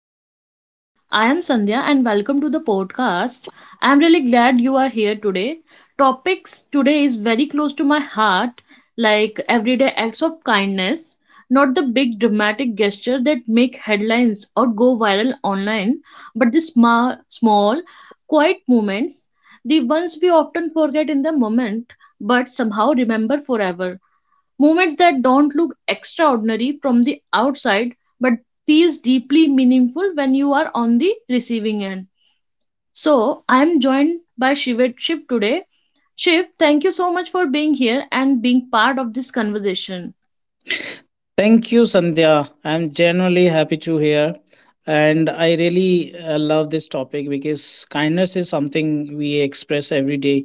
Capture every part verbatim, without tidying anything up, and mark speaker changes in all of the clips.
Speaker 1: Hello, everyone. I am Sandhya, and welcome to the podcast. I am really glad you are here today. Topics today is very close to my heart, like everyday acts of kindness, not the big dramatic gesture that make headlines or go viral online, but the small, small, quiet moments, the ones we often forget in the moment, but somehow remember forever moments that don't look extraordinary from the outside but feels deeply meaningful when you are on the receiving end. So I am joined by shivet shiv today. Shiv, thank you so much for being here and being part of this conversation.
Speaker 2: Thank you, Sandhya. I'm genuinely happy to hear. And I really uh, love this topic because kindness is something we express every day,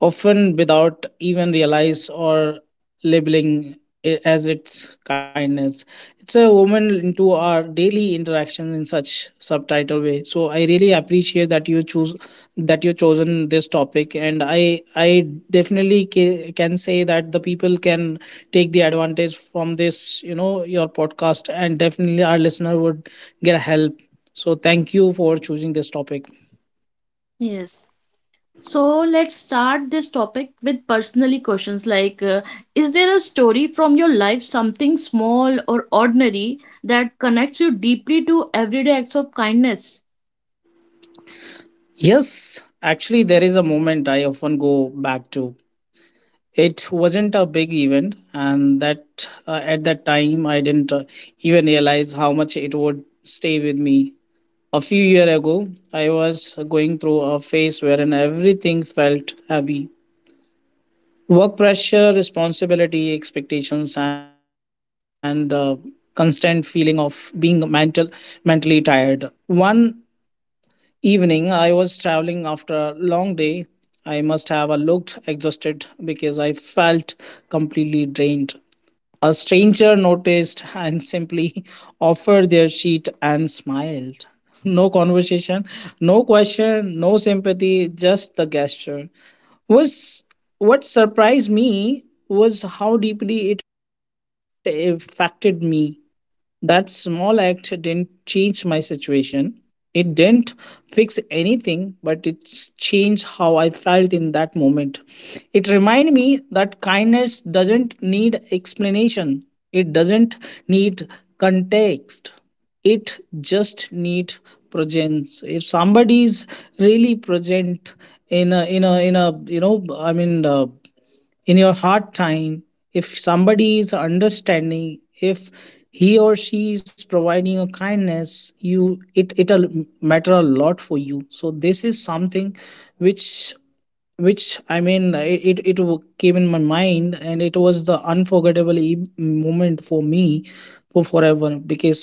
Speaker 2: often without even realize or labeling it as its kindness. It's a woman into our daily interaction in such subtitle way. So I really appreciate that you choose that you chosen this topic, and I I definitely ca- can say that the people can take the advantage from this, you know, your podcast, and definitely our listener would get help. So thank you for choosing this topic.
Speaker 1: Yes. So let's start this topic with personally questions like, uh, is there a story from your life, something small or ordinary, that connects you deeply to everyday acts of kindness?
Speaker 2: Yes, actually, there is a moment I often go back to. It wasn't a big event, and that uh, at that time I didn't uh, even realize how much it would stay with me. A few years ago, I was going through a phase wherein everything felt heavy. Work pressure, responsibility, expectations, and uh, constant feeling of being mental, mentally tired. One evening, I was traveling after a long day. I must have uh, looked exhausted because I felt completely drained. A stranger noticed and simply offered their sheet and smiled. No conversation, no question, no sympathy, just the gesture. Was What surprised me was how deeply it affected me. That small act didn't change my situation. It didn't fix anything, but it's changed how I felt in that moment. It reminded me that kindness doesn't need explanation, it doesn't need context, it just needs presence. If somebody is really present in a, in a, in a, you know, I mean, uh, in your hard time, if somebody is understanding, if he or she is providing a kindness, you it it'll matter a lot for you. So this is something which which i mean it it, it w- came in my mind, and it was the unforgettable e- moment for me for forever, because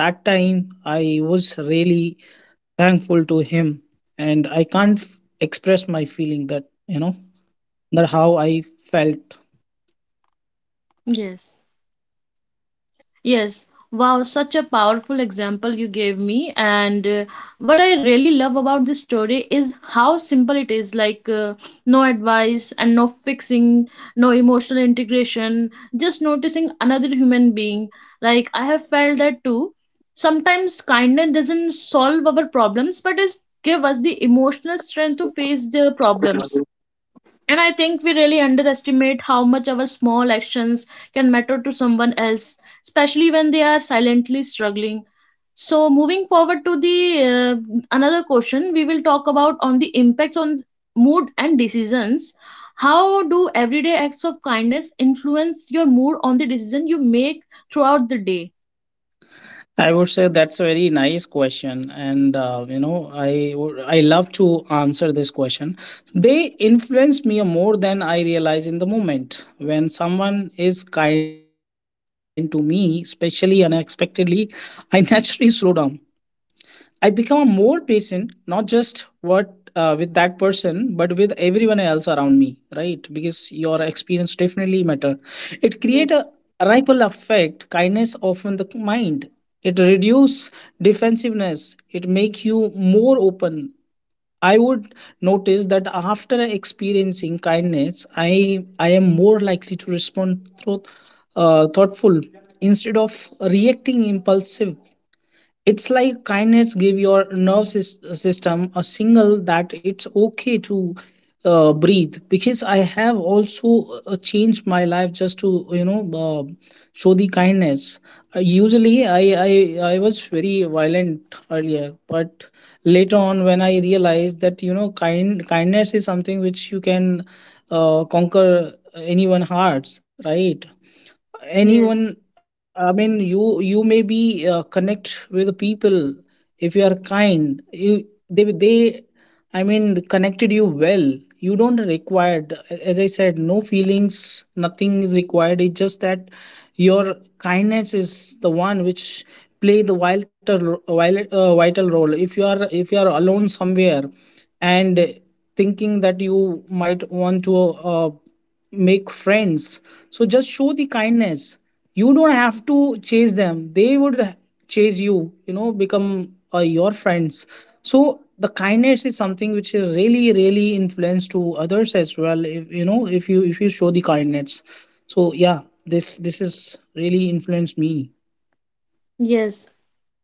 Speaker 2: that time I was really thankful to him, and I can't f- express my feeling, that you know that how I felt.
Speaker 1: Yes. Yes. Wow, such a powerful example you gave me. And uh, what I really love about this story is how simple it is, like, uh, no advice and no fixing, no emotional integration, just noticing another human being. Like, I have felt that too. Sometimes kindness doesn't solve our problems, but it gives us the emotional strength to face the problems. And I think we really underestimate how much our small actions can matter to someone else, especially when they are silently struggling. So, moving forward to the, uh, another question, we will talk about on the impacts on mood and decisions. How do everyday acts of kindness influence your mood on the decision you make throughout the day?
Speaker 2: I would say that's a very nice question, and uh, you know, I would- I love to answer this question. They influence me more than I realize in the moment. When someone is kind to me, especially unexpectedly, I naturally slow down. I become more patient, not just what uh, with that person, but with everyone else around me, right? Because your experience definitely matter. It create a
Speaker 1: Yes.
Speaker 2: ripple effect, kindness often the mind. It reduce defensiveness. It make you more open. I would notice that after experiencing kindness, I I am more likely to respond through, uh, thoughtful instead of reacting impulsive. It's like kindness give your nerve sys- system a signal that it's okay to uh, breathe. Because I have also uh, changed my life just to, you know uh, show the kindness. Uh, usually, I, I I was very violent earlier, but later on when I realized that, you know, kind kindness is something which you can uh, conquer anyone hearts, right?
Speaker 1: Yes.
Speaker 2: Anyone, I mean, you you may be uh, connect with the people. If you are kind, you, they they i mean connected you well. You don't require, as I said, no feelings, nothing is required. It's just that your kindness is the one which play the vital vital, uh, vital role. If you are, if you are alone somewhere and thinking that you might want to uh, make friends, so just show the kindness. You don't have to chase them, they would chase you, you know, become uh, your friends. So the kindness is something which is really really influence to others as well, if you know, if you, if you show the kindness. So yeah, this this is really influenced me.
Speaker 1: Yes.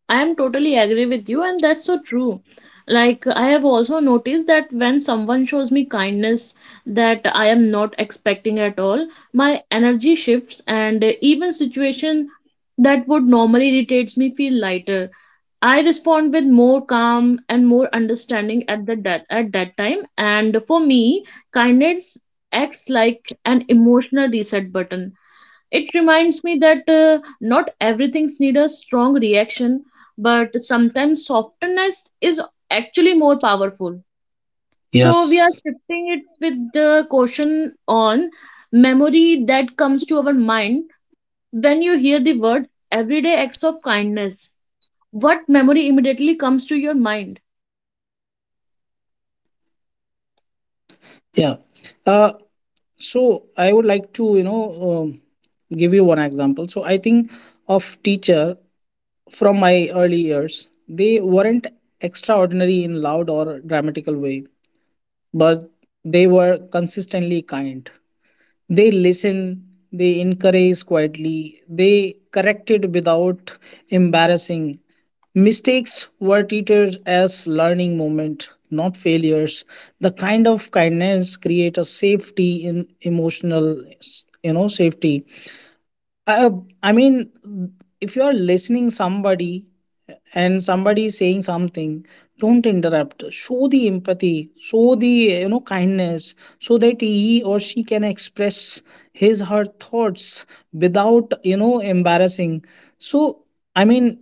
Speaker 1: I am totally agree with you, and that's so true. Like, I have also noticed that when someone shows me kindness that I am not expecting at all, my energy shifts, and even situation that would normally irritates me feel lighter. I respond with more calm and more understanding at the that at that time. And for me, kindness acts like an emotional reset button. It reminds me that, uh, not everything needs a strong reaction, but sometimes softness is actually more powerful. So we are
Speaker 2: Yes,
Speaker 1: shifting it with the caution on memory that comes to our mind when you hear the word everyday acts of kindness. What memory immediately comes to your mind?
Speaker 2: yeah. Uh so I would like to, you know um, give you one example. So I think of teacher from my early years. They weren't extraordinary in loud or dramatical way, but they were consistently kind. They listen, they encourage quietly, they corrected without embarrassing. Mistakes were treated as learning moment, not failures. The kind of kindness create a safety in emotional, you know, safety. Uh, uh, I mean, if you are listening somebody and somebody is saying something, don't interrupt. Show the empathy, show the, you know, kindness, so that he or she can express his her thoughts without, you know, embarrassing. So I mean,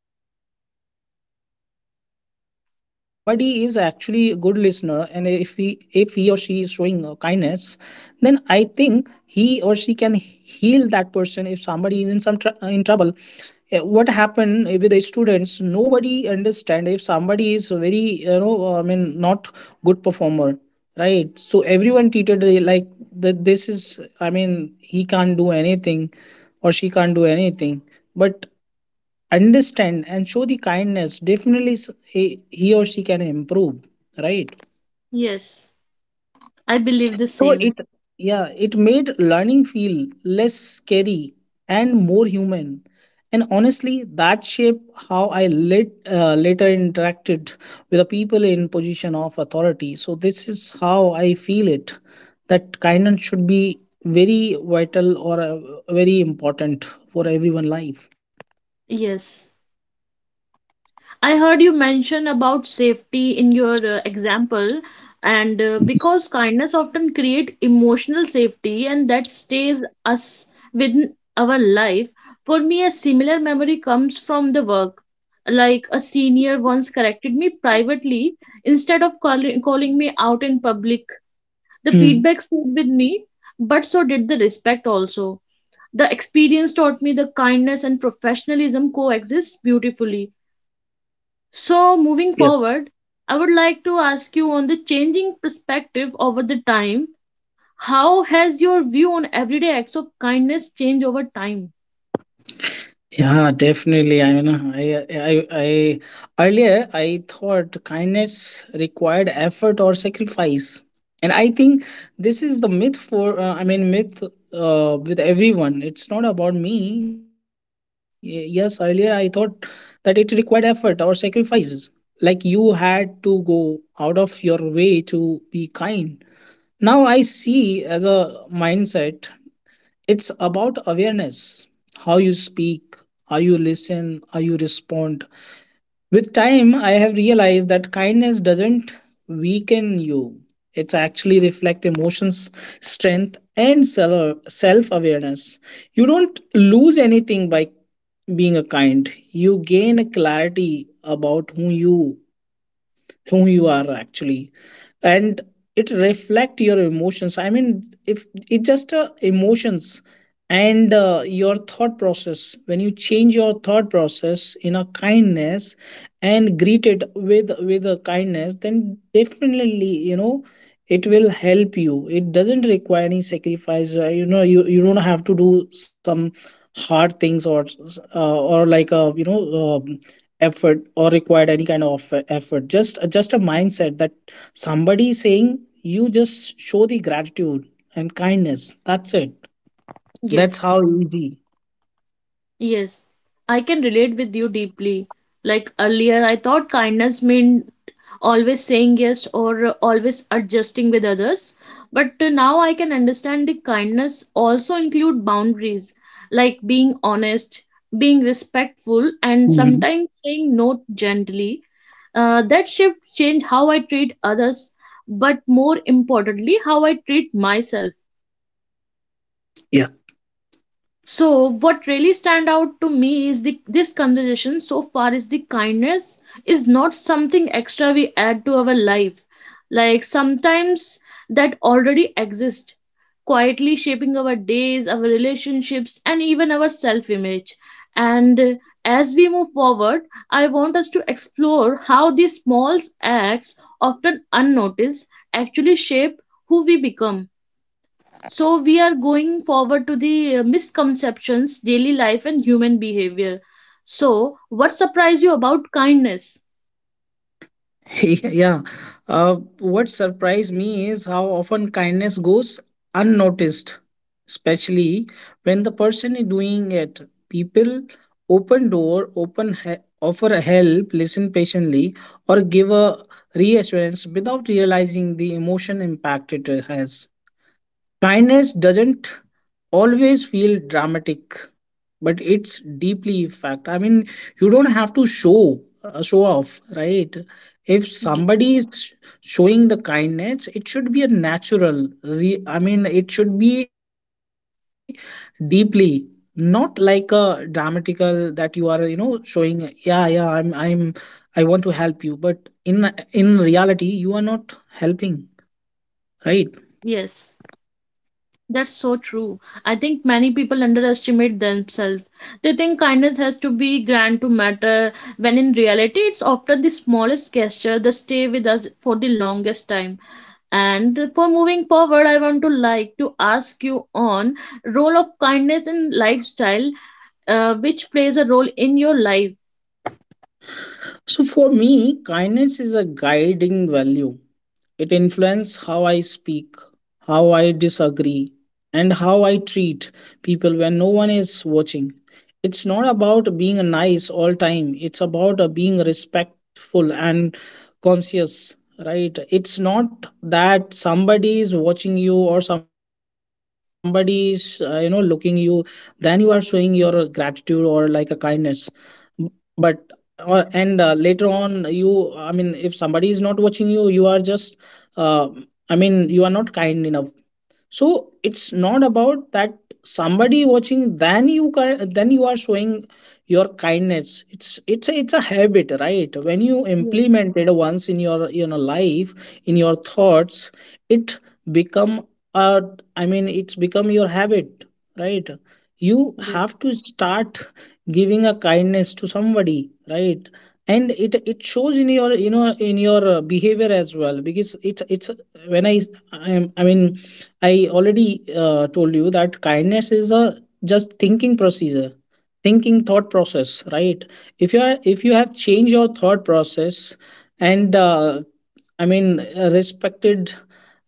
Speaker 2: if somebody is actually a good listener, and if he, if he or she is showing uh, kindness, then I think he or she can heal that person if somebody is in some tr- uh, in trouble. Uh, what happened with the students, nobody understand if somebody is very, you know, uh, i mean not good performer, right? So everyone treated it like that. This is, I mean, he can't do anything or she can't do anything, but understand and show the kindness, definitely s- he he or she can improve, right?
Speaker 1: Yes, I believe the
Speaker 2: So
Speaker 1: same.
Speaker 2: it, yeah, it made learning feel less scary and more human. And honestly, that shaped how I lit, uh, later interacted with the people in position of authority. So this is how I feel it, that kindness should be very vital or uh, very important for everyone life.
Speaker 1: Yes. I heard you mention about safety in your uh, example, and uh, because kindness often create emotional safety, and that stays us within our life. For me, a similar memory comes from the work. Like a senior once corrected me privately instead of calling calling me out in public. The
Speaker 2: Hmm.
Speaker 1: feedback stayed with me, but so did the respect also. The experience taught me the kindness and professionalism coexist beautifully. So, moving forward, I would like to ask you on the changing perspective over the time. How has your view on everyday acts of kindness changed over time?
Speaker 2: Yeah, definitely. I mean, I, I, I earlier I thought kindness required effort or sacrifice, and I think this is the myth for. Uh, I mean, myth uh, with everyone. It's not about me. Y- Yes, earlier I thought that it required effort or sacrifices, like you had to go out of your way to be kind. Now I see as a mindset, it's about awareness, how you speak, how you listen, how you respond. With time, I have realized that kindness doesn't weaken you. It's actually reflect emotions, strength, and self awareness. You don't lose anything by being a kind. You gain a clarity about who you who you are actually. And it reflect your emotions. I mean, if it's just uh, emotions and uh, your thought process. When you change your thought process in a kindness and greet it with with a kindness, then definitely, you know, it will help you. It doesn't require any sacrifice, uh, you know, you, you don't have to do some hard things or uh, or like a, you know, uh, effort or required any kind of eff- effort. Just, uh, just a mindset that somebody saying you, just show the gratitude and kindness, that's it. That's how
Speaker 1: Yes,
Speaker 2: easy.
Speaker 1: yes, I can relate with you deeply. Like earlier, I thought kindness meant always saying yes or always adjusting with others. But uh, now I can understand the kindness also include boundaries, like being honest, being respectful, and
Speaker 2: Mhm.
Speaker 1: sometimes saying no gently. Uh, that shift changed how I treat others, but more importantly, how I treat myself.
Speaker 2: Yeah.
Speaker 1: So, what really stand out to me is the this conversation so far is the kindness is not something extra we add to our life. Like sometimes that already exists, quietly shaping our days, our relationships, and even our self-image. And uh, as we move forward, I want us to explore how these small acts, often unnoticed, actually shape who we become. So we are going forward to the, uh, misconceptions, daily life, and human behavior. So, what surprised you about kindness?
Speaker 2: Yeah. Uh, what surprised me is how often kindness goes unnoticed, especially when the person is doing it. People open door, open he- offer help, listen patiently, or give a reassurance without realizing the emotion impact it has. Kindness doesn't always feel dramatic, but it's deeply fact. I mean, you don't have to show uh, show off, right? If
Speaker 1: Mhm.
Speaker 2: somebody is showing the kindness, it should be a natural. Re- I mean, it should be deeply, not like a dramatical that you are, you know, showing. Yeah, yeah, I'm, I'm, I want to help you, but in in reality, you are not helping, right?
Speaker 1: Yes, that's so true. I think many people underestimate themselves. They think kindness has to be grand to matter, when in reality, it's often the smallest gesture that stay with us for the longest time. And for moving forward, I want to like to ask you on role of kindness in lifestyle, uh, which plays a role in your life.
Speaker 2: So for me, kindness is a guiding value. It influences how I speak, how I disagree, and how I treat people when no one is watching. It's not about being nice all time. It's about uh, being respectful and conscious, right? It's not that somebody is watching you or somebody is, uh, you know, looking you. Then you are showing your gratitude or like a kindness. But or and uh, later on you, I mean if somebody is not watching you, you are just, uh, I mean you are not kind enough. So it's not about that somebody watching, then you ki- then you are showing your kindness. It's, it's a, it's a habit, right? When you
Speaker 1: Yeah.
Speaker 2: implement it once in your, you know, life, in your thoughts, it become a, I mean, it's become your habit, right? You
Speaker 1: Yeah.
Speaker 2: have to start giving a kindness to somebody, right? And it it shows in your, you know, in your uh, behavior as well. Because it's it's when i i, am- I mean, I already uh, told you that kindness is a just thinking procedure, thinking thought process, right? If you are, if you have changed your thought process and uh, I mean, uh, respected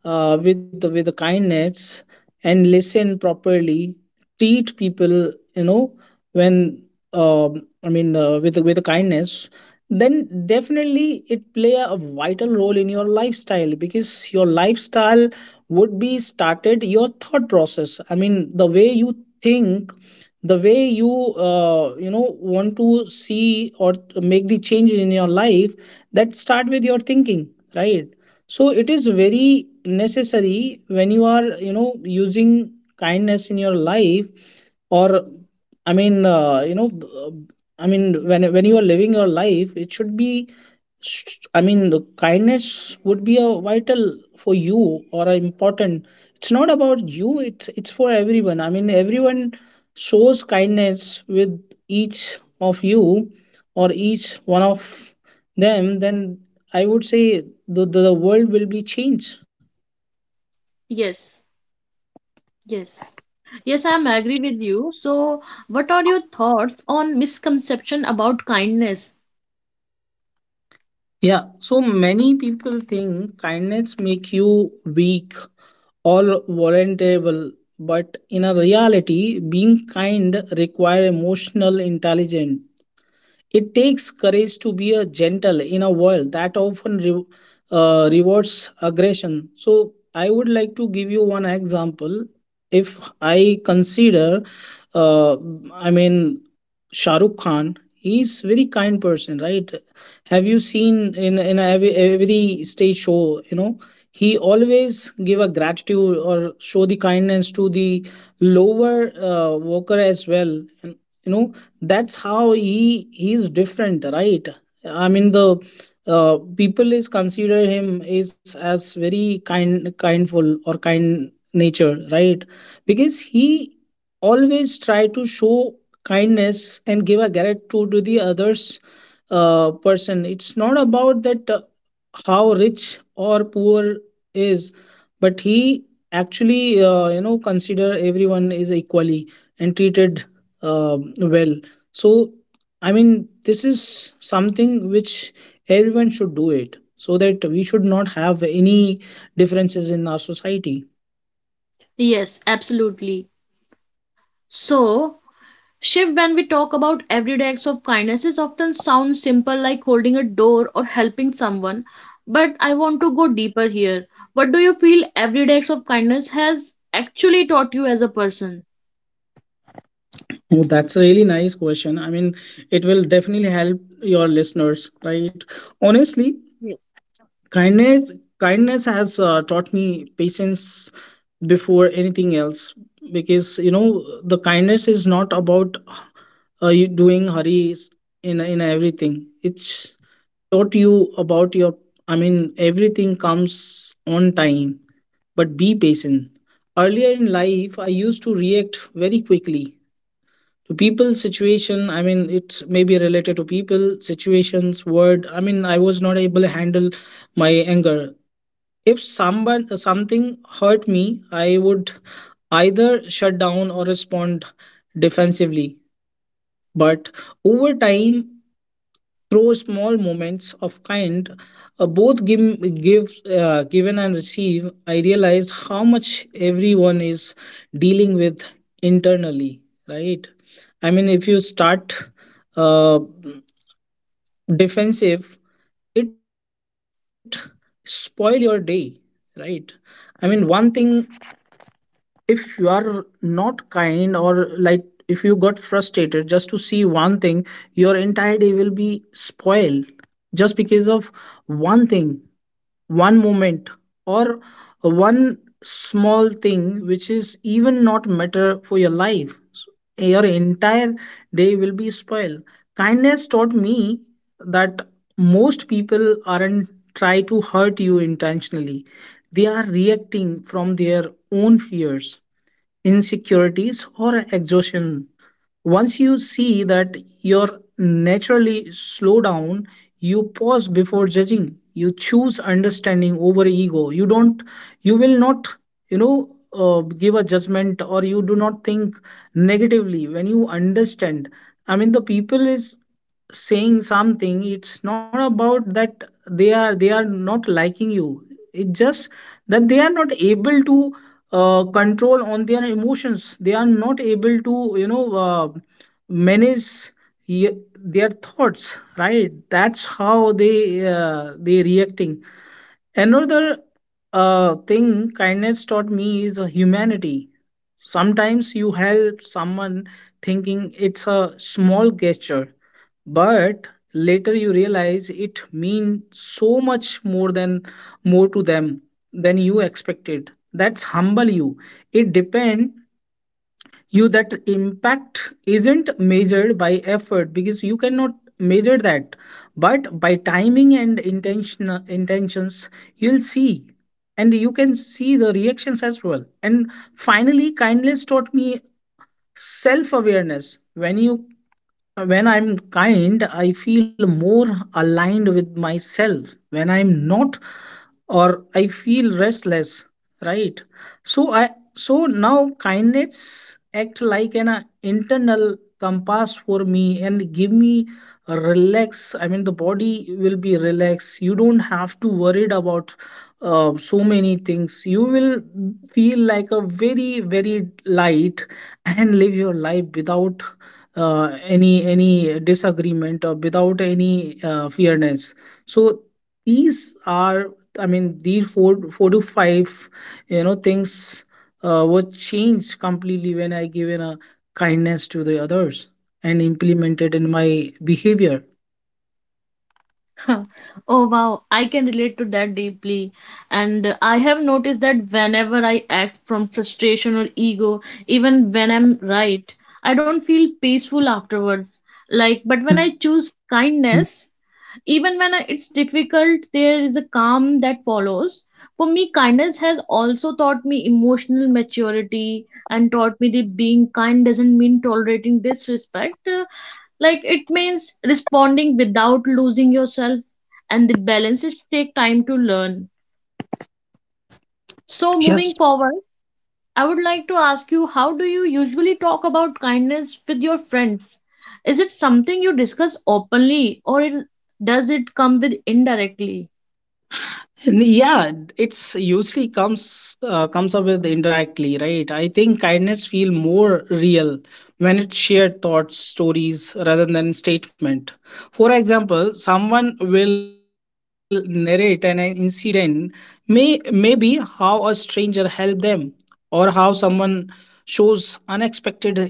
Speaker 2: uh, with with kindness and listen properly. Treat people, you know, when um, I mean uh, with with kindness. Then definitely it play a vital role in your lifestyle, because your lifestyle would be started your thought process. I mean, the way you think, the way you uh, you know want to see or to make the changes in your life, that start with your thinking, right? So it is very necessary when you are, you know, using kindness in your life, or I mean uh, you know b- uh, I mean when when you are living your life it should be sh- I mean the kindness would be a vital for you or a important. It's not about you, it's it's for everyone. I mean everyone shows kindness with each of you or each one of them, then I would say the, the, the world will be changed.
Speaker 1: Yes. Yes. Yes, I'm agree with you. So, what are your thoughts on misconception about kindness?
Speaker 2: Yeah, so many people think kindness make you weak or vulnerable, but in a reality, being kind require emotional intelligence. It takes courage to be a gentle in a world that often re- uh, rewards aggression. So I would like to give you one example. If I consider, uh, I mean, Shahrukh Khan, he's very kind person, right? Have you seen in in every, every stage show? You know, he always give a gratitude or show the kindness to the lower uh, worker as well. And, you know, that's how he he's different, right? I mean the uh, people is consider him is as very kind kindful or kind nature, right? Because he always try to show kindness and give a gratitude to the others uh, person. It's not about that uh, how rich or poor is, but he actually, uh, you know, consider everyone is equally and treated um well. So I mean this is something which everyone should do it, so that we should not have any differences in our society.
Speaker 1: Yes, absolutely. So, Shiv, when we talk about everyday acts of kindness, it often sounds simple like holding a door or helping someone. But I want to go deeper here. What do you feel everyday acts of kindness has actually taught you as a person?
Speaker 2: Oh, that's a really nice question. I mean, it will definitely help your listeners, right? Honestly, kindness kindness has uh, taught me patience before anything else, because you know the kindness is not about uh, you doing hurries in in everything. It's taught you about your, I mean, everything comes on time, but be patient. Earlier in life I used to react very quickly to people's situation. I mean, it's maybe related to people situations word. I mean, I was not able to handle my anger. If someone something hurt me, I would either shut down or respond defensively. But over time, through small moments of kind, uh, both give, give uh, given and receive, I realized how much everyone is dealing with internally. Right? I mean, if you start uh, defensive, it spoil your day. Right? I mean, one thing, if you are not kind, or like if you got frustrated just to see one thing, your entire day will be spoiled just because of one thing, one moment, or one small thing which is even not matter for your life. So your entire day will be spoiled. Kindness taught me that most people aren't try to hurt you intentionally, they are reacting from their own fears, insecurities or exhaustion. Once you see that, you're naturally slow down, you pause before judging, you choose understanding over ego, you don't, you will not, you know, uh, give a judgment or you do not think negatively. When you understand, I mean the people is saying something, it's not about that they are, they are not liking you, it's just that they are not able to uh, control on their emotions, they are not able to, you know, uh, manage ye- their thoughts, right? That's how they uh, they reacting. Another uh, thing kindness taught me is uh, humanity. Sometimes you help someone thinking it's a small gesture, but later you realize it means so much more than, more to them than you expected. That's humble you. It depend you that impact isn't measured by effort, because you cannot measure that, but by timing and intention intentions. You'll see, and you can see the reactions as well. And finally kindness taught me self awareness. When you, when I'm kind, I feel more aligned with myself. When I'm not, or I feel restless, right? So I, so now kindness act like an uh, internal compass for me and give me a relax. I mean the body will be relaxed, you don't have to worried about uh, so many things. You will feel like a very very light and live your life without uh, any any disagreement or without any uh, fearness. So these are, I mean these four four to five, you know, things uh, were changed completely when I given a kindness to the others and implemented in my behavior.
Speaker 1: Huh. Oh wow, I can relate to that deeply. And uh, I have noticed that whenever I act from frustration or ego, even when I'm right, I don't feel peaceful afterwards. Like, but when I
Speaker 2: Mm.
Speaker 1: choose kindness, even when I- it's difficult, there is a calm that follows. For me, kindness has also taught me emotional maturity and taught me that being kind doesn't mean tolerating disrespect, like it means responding without losing yourself, and the balances take time to learn. So moving
Speaker 2: Yes.
Speaker 1: forward, I would like to ask you, how do you usually talk about kindness with your friends? Is it something you discuss openly, or it, does it come with indirectly?
Speaker 2: And yeah, it's usually comes uh, comes up with indirectly, right? I think kindness feel more real when it's shared thoughts stories rather than statement. For example, someone will narrate an incident, may maybe how a stranger helped them or how someone shows unexpected empathy,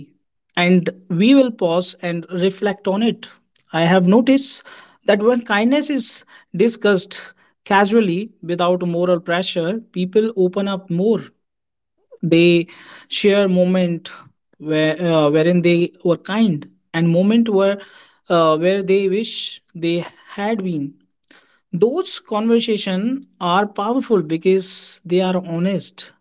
Speaker 2: and we will pause and reflect on it. I have noticed that when kindness is discussed casually, without moral pressure, people open up more. They share moment where uh, wherein they were kind, and moment where uh, where they wish they had been. Those conversations are powerful because they are honest.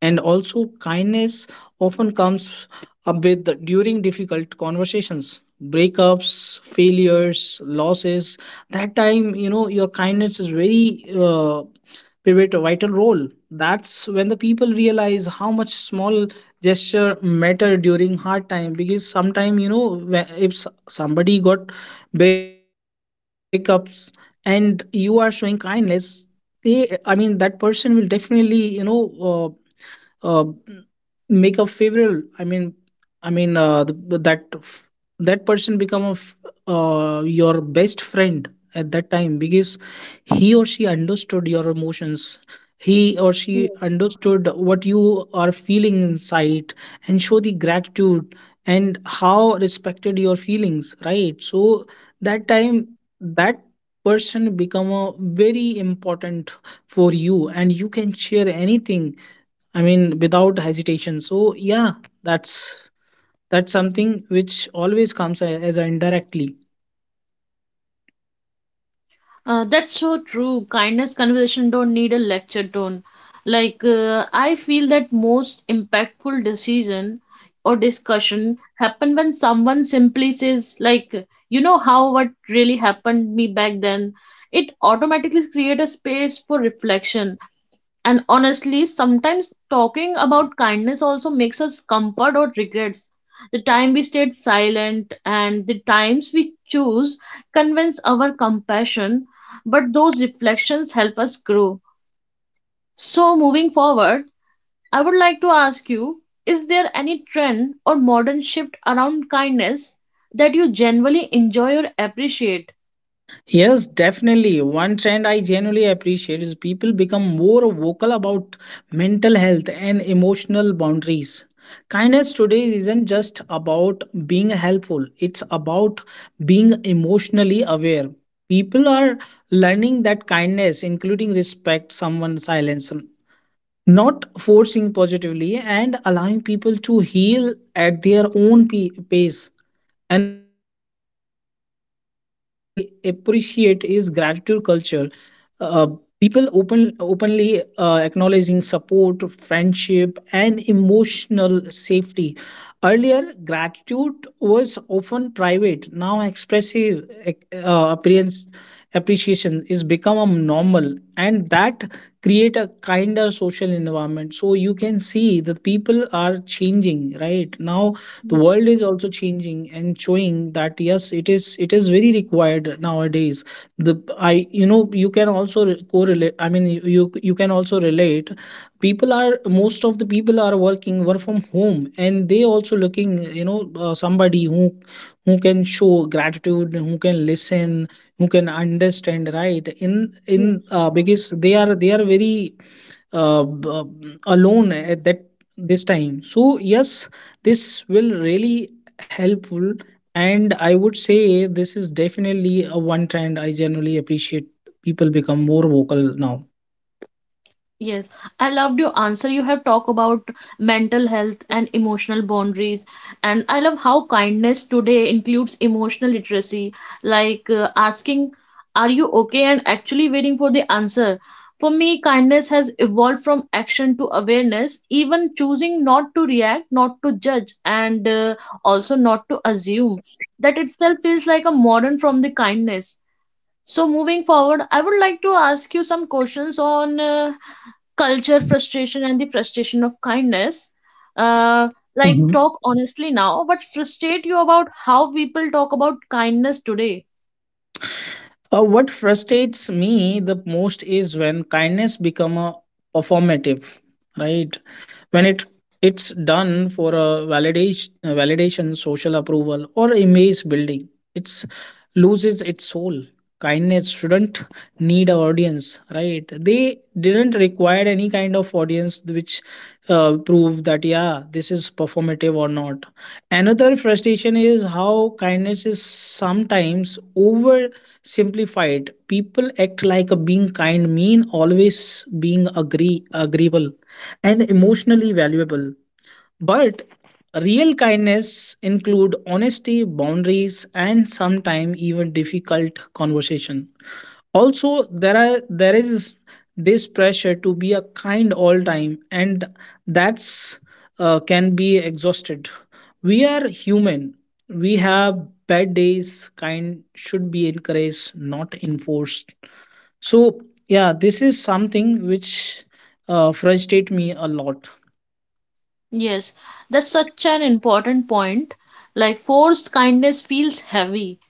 Speaker 2: And also kindness often comes up with during difficult conversations: breakups, failures, losses. That time, you know, your kindness is very uh, pivot a vital role. That's when the people realize how much small gesture matter during hard time. Because sometime, you know, wh- if s- somebody got breakups and you are showing kindness, they, I mean that person will definitely, you know, uh, uh, make a favorite. i mean i mean uh, the- that f- that person become a f- uh, your best friend at that time, because he or she understood your emotions, he or she understood what you are feeling inside, and show the gratitude, and how respected your feelings, right? So that time, that person become a very important for you, and you can share anything, I mean, without hesitation. So yeah, that's that's something which always comes a- as a indirectly.
Speaker 1: Uh, that's so true. Kindness conversation don't need a lecture tone. Like, uh, I feel that most impactful decision or discussion happen when someone simply says, like, you know how what really happened me back then. It automatically create a space for reflection, and honestly, sometimes talking about kindness also makes us comfort or regrets. The time we stayed silent and the times we choose convince our compassion, but those reflections help us grow. So, moving forward, I would like to ask you, is there any trend or modern shift around kindness that you generally enjoy or appreciate?
Speaker 2: Yes, definitely. One trend I genuinely appreciate is people become more vocal about mental health and emotional boundaries. Kindness today isn't just about being helpful, it's about being emotionally aware. People are learning that kindness, including respect, someone's silence, not forcing positively and allowing people to heal at their own p- pace. Another thing I appreciate is gratitude culture. uh, People open openly uh, acknowledging support, friendship and emotional safety. Earlier gratitude was often private, now expressive uh, appearance appreciation is become a normal, and that create a kinder social environment. So you can see the people are changing right now, the
Speaker 1: Yes.
Speaker 2: world is also changing, and showing that yes, it is, it is very required nowadays. The, I, you know, you can also re- correlate, I mean you you, you can also relate, people are, most of the people are working work from home, and they also looking, you know, uh, somebody who who can show gratitude, who can listen, who can understand, right? In in uh, because they are they are very uh, b- alone at that, this time. So yes, this will really helpful. And I would say this is definitely a one trend I generally appreciate. People become more vocal now.
Speaker 1: Yes, I loved your answer. You have talked about mental health and emotional boundaries, and I love how kindness today includes emotional literacy, like, uh, asking, "Are you okay?" and actually waiting for the answer. For me, kindness has evolved from action to awareness, even choosing not to react, not to judge, and uh, also not to assume. That itself feels like a modern from the kindness. So, moving forward, I would like to ask you some questions on. Uh, culture frustration and the frustration of kindness, uh like, talk honestly now but frustrate you about how people talk about kindness today.
Speaker 2: Uh, what frustrates me the most is when kindness become a performative, right? When it it's done for a validation, validation, social approval, or image building, it's loses its soul. Kindness shouldn't need an audience, right? They didn't require any kind of audience which uh, prove that yeah, this is performative or not. Another frustration is how kindness is sometimes oversimplified. People act like a being kind mean always being agree agreeable and emotionally valuable. But real kindness include honesty, boundaries, and sometimes even difficult conversation. Also, there are there is this pressure to be a kind all time, and that's uh, can be exhausted. We are human. We have bad days. Kind should be encouraged, not enforced. So yeah, this is something which uh, frustrate me a lot.
Speaker 1: Yes, that's such an important point. Like, forced kindness feels heavy.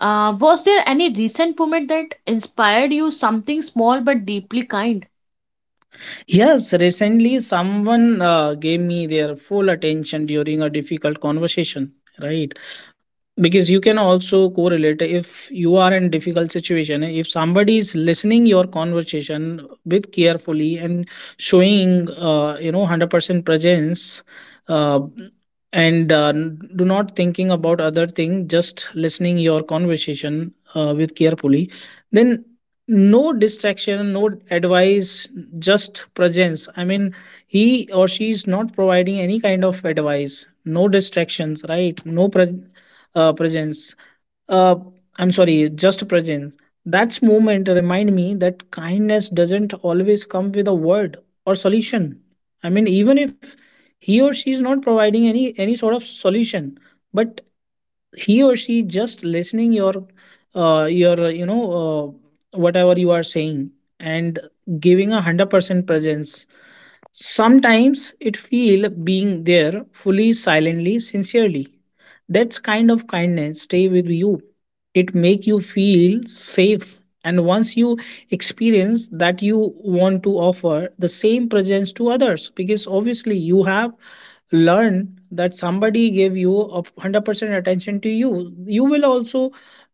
Speaker 1: uh Was there any recent moment that inspired you, something small but deeply kind?
Speaker 2: Yes, recently someone uh, gave me their full attention during a difficult conversation. Right, because you can also correlate, if you are in difficult situation, if somebody is listening your conversation with carefully, and showing, uh, you know, one hundred percent presence, uh, and uh, n- do not thinking about other thing, just listening your conversation uh, with carefully. Then no distraction, no advice, just presence. I mean, he or she is not providing any kind of advice, no distractions, right? No pre- uh, presence. Uh, I'm sorry, just presence. That moment remind me that kindness doesn't always come with a word or solution. I mean, even if he or she is not providing any any sort of solution, but he or she just listening your uh, your, you know, uh, whatever you are saying, and giving a hundred percent presence. Sometimes it feel being there fully, silently, sincerely. That's kind of kindness stay with you. It make you feel safe. And once you experience that, you want to offer the same presence to others, because obviously you have learned that somebody gave you a hundred percent attention to you, you will also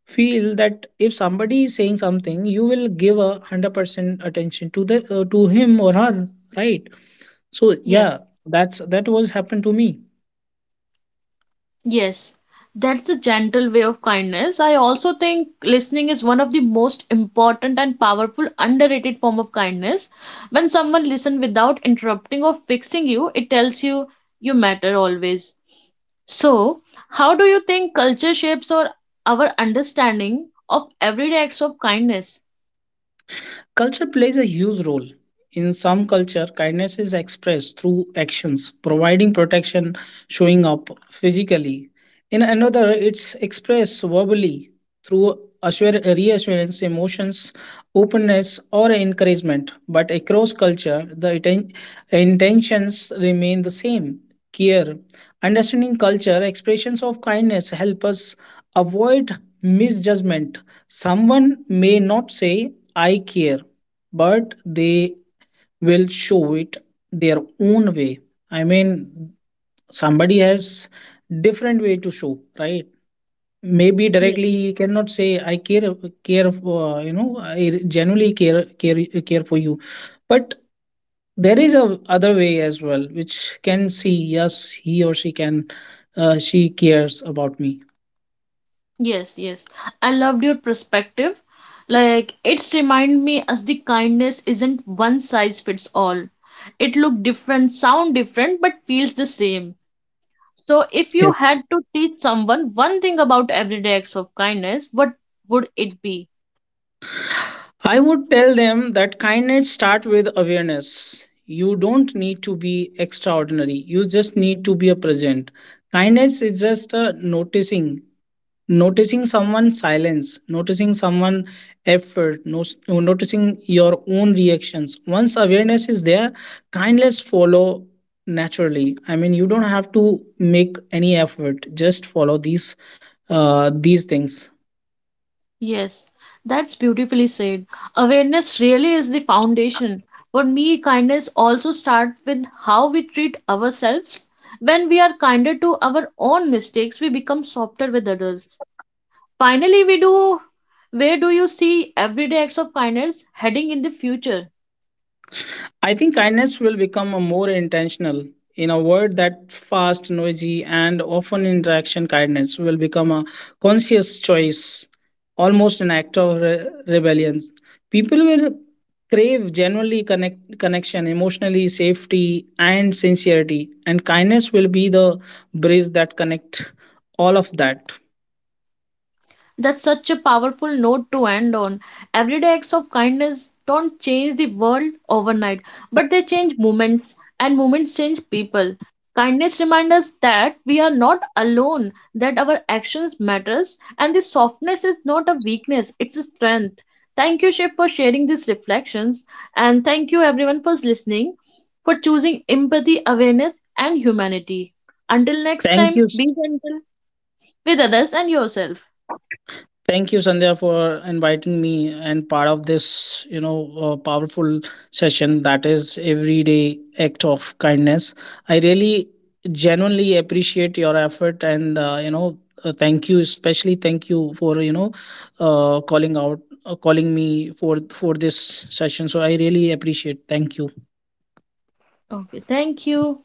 Speaker 2: feel that if somebody is saying something, you will give a hundred percent attention to the, uh, to him or her, right? So
Speaker 1: Yes.
Speaker 2: yeah, that's that was happened to me.
Speaker 1: Yes, that's the gentle way of kindness. I also think listening is one of the most important and powerful underrated form of kindness. When someone listens without interrupting or fixing you, it tells you you matter always. So, how do you think culture shapes or our understanding of everyday acts of kindness?
Speaker 2: Culture plays a huge role. In some culture, kindness is expressed through actions, providing protection, showing up physically. In another, it's expressed verbally through assure- reassurance, emotions, openness, or encouragement. But across culture, the inten- intentions remain the same: care. Understanding culture, expressions of kindness help us avoid misjudgment. Someone may not say I care, but they will show it their own way. I mean, somebody has different way to show, right? Maybe directly he cannot say I care, care, uh, you know, I genuinely care, care, care for you. But there is a other way as well, which can see yes, he or she can, uh, she cares about me.
Speaker 1: Yes, yes. I loved your perspective. Like it's remind me as the kindness isn't one size fits all. It look different, sound different, but feels the same. So if you had to teach someone one thing about everyday acts of kindness, what would it be?
Speaker 2: I would tell them that kindness start with awareness. You don't need to be extraordinary. You just need to be a present. Kindness is just uh, noticing, noticing someone's silence, noticing someone effort, no, noticing your own reactions. Once awareness is there, kindness follow naturally. I mean, you don't have to make any effort. Just follow these uh, these things.
Speaker 1: Yes, that's beautifully said. Awareness really is the foundation. For me, kindness also starts with how we treat ourselves. When we are kinder to our own mistakes, we become softer with others. Finally, we do. Where do you see everyday acts of kindness heading in the future?
Speaker 2: I think kindness will become more intentional. In a world that fast, noisy, and often interaction, kindness will become a conscious choice, almost an act of re- rebellion. People will crave genuinely connect connection, emotionally safety, and sincerity, and kindness will be the bridge that connect all of that.
Speaker 1: That's such a powerful note to end on. Everyday acts of kindness don't change the world overnight, but they change moments, and moments change people. Kindness reminds us that we are not alone, that our actions matters, and the softness is not a weakness, it's a strength. Thank you, Shiv, for sharing these reflections, and thank you everyone for listening, for choosing empathy, awareness, and humanity. Until next
Speaker 2: Thank
Speaker 1: time,
Speaker 2: you.
Speaker 1: be gentle with others and yourself.
Speaker 2: Thank you, Sandhya, for inviting me and part of this, you know, uh, powerful session that is everyday act of kindness. I really genuinely appreciate your effort, and, uh, you know, uh, thank you, especially thank you for, you know, uh, calling out, uh, calling me for for this session. So I really appreciate. Thank you.
Speaker 1: Okay, thank you.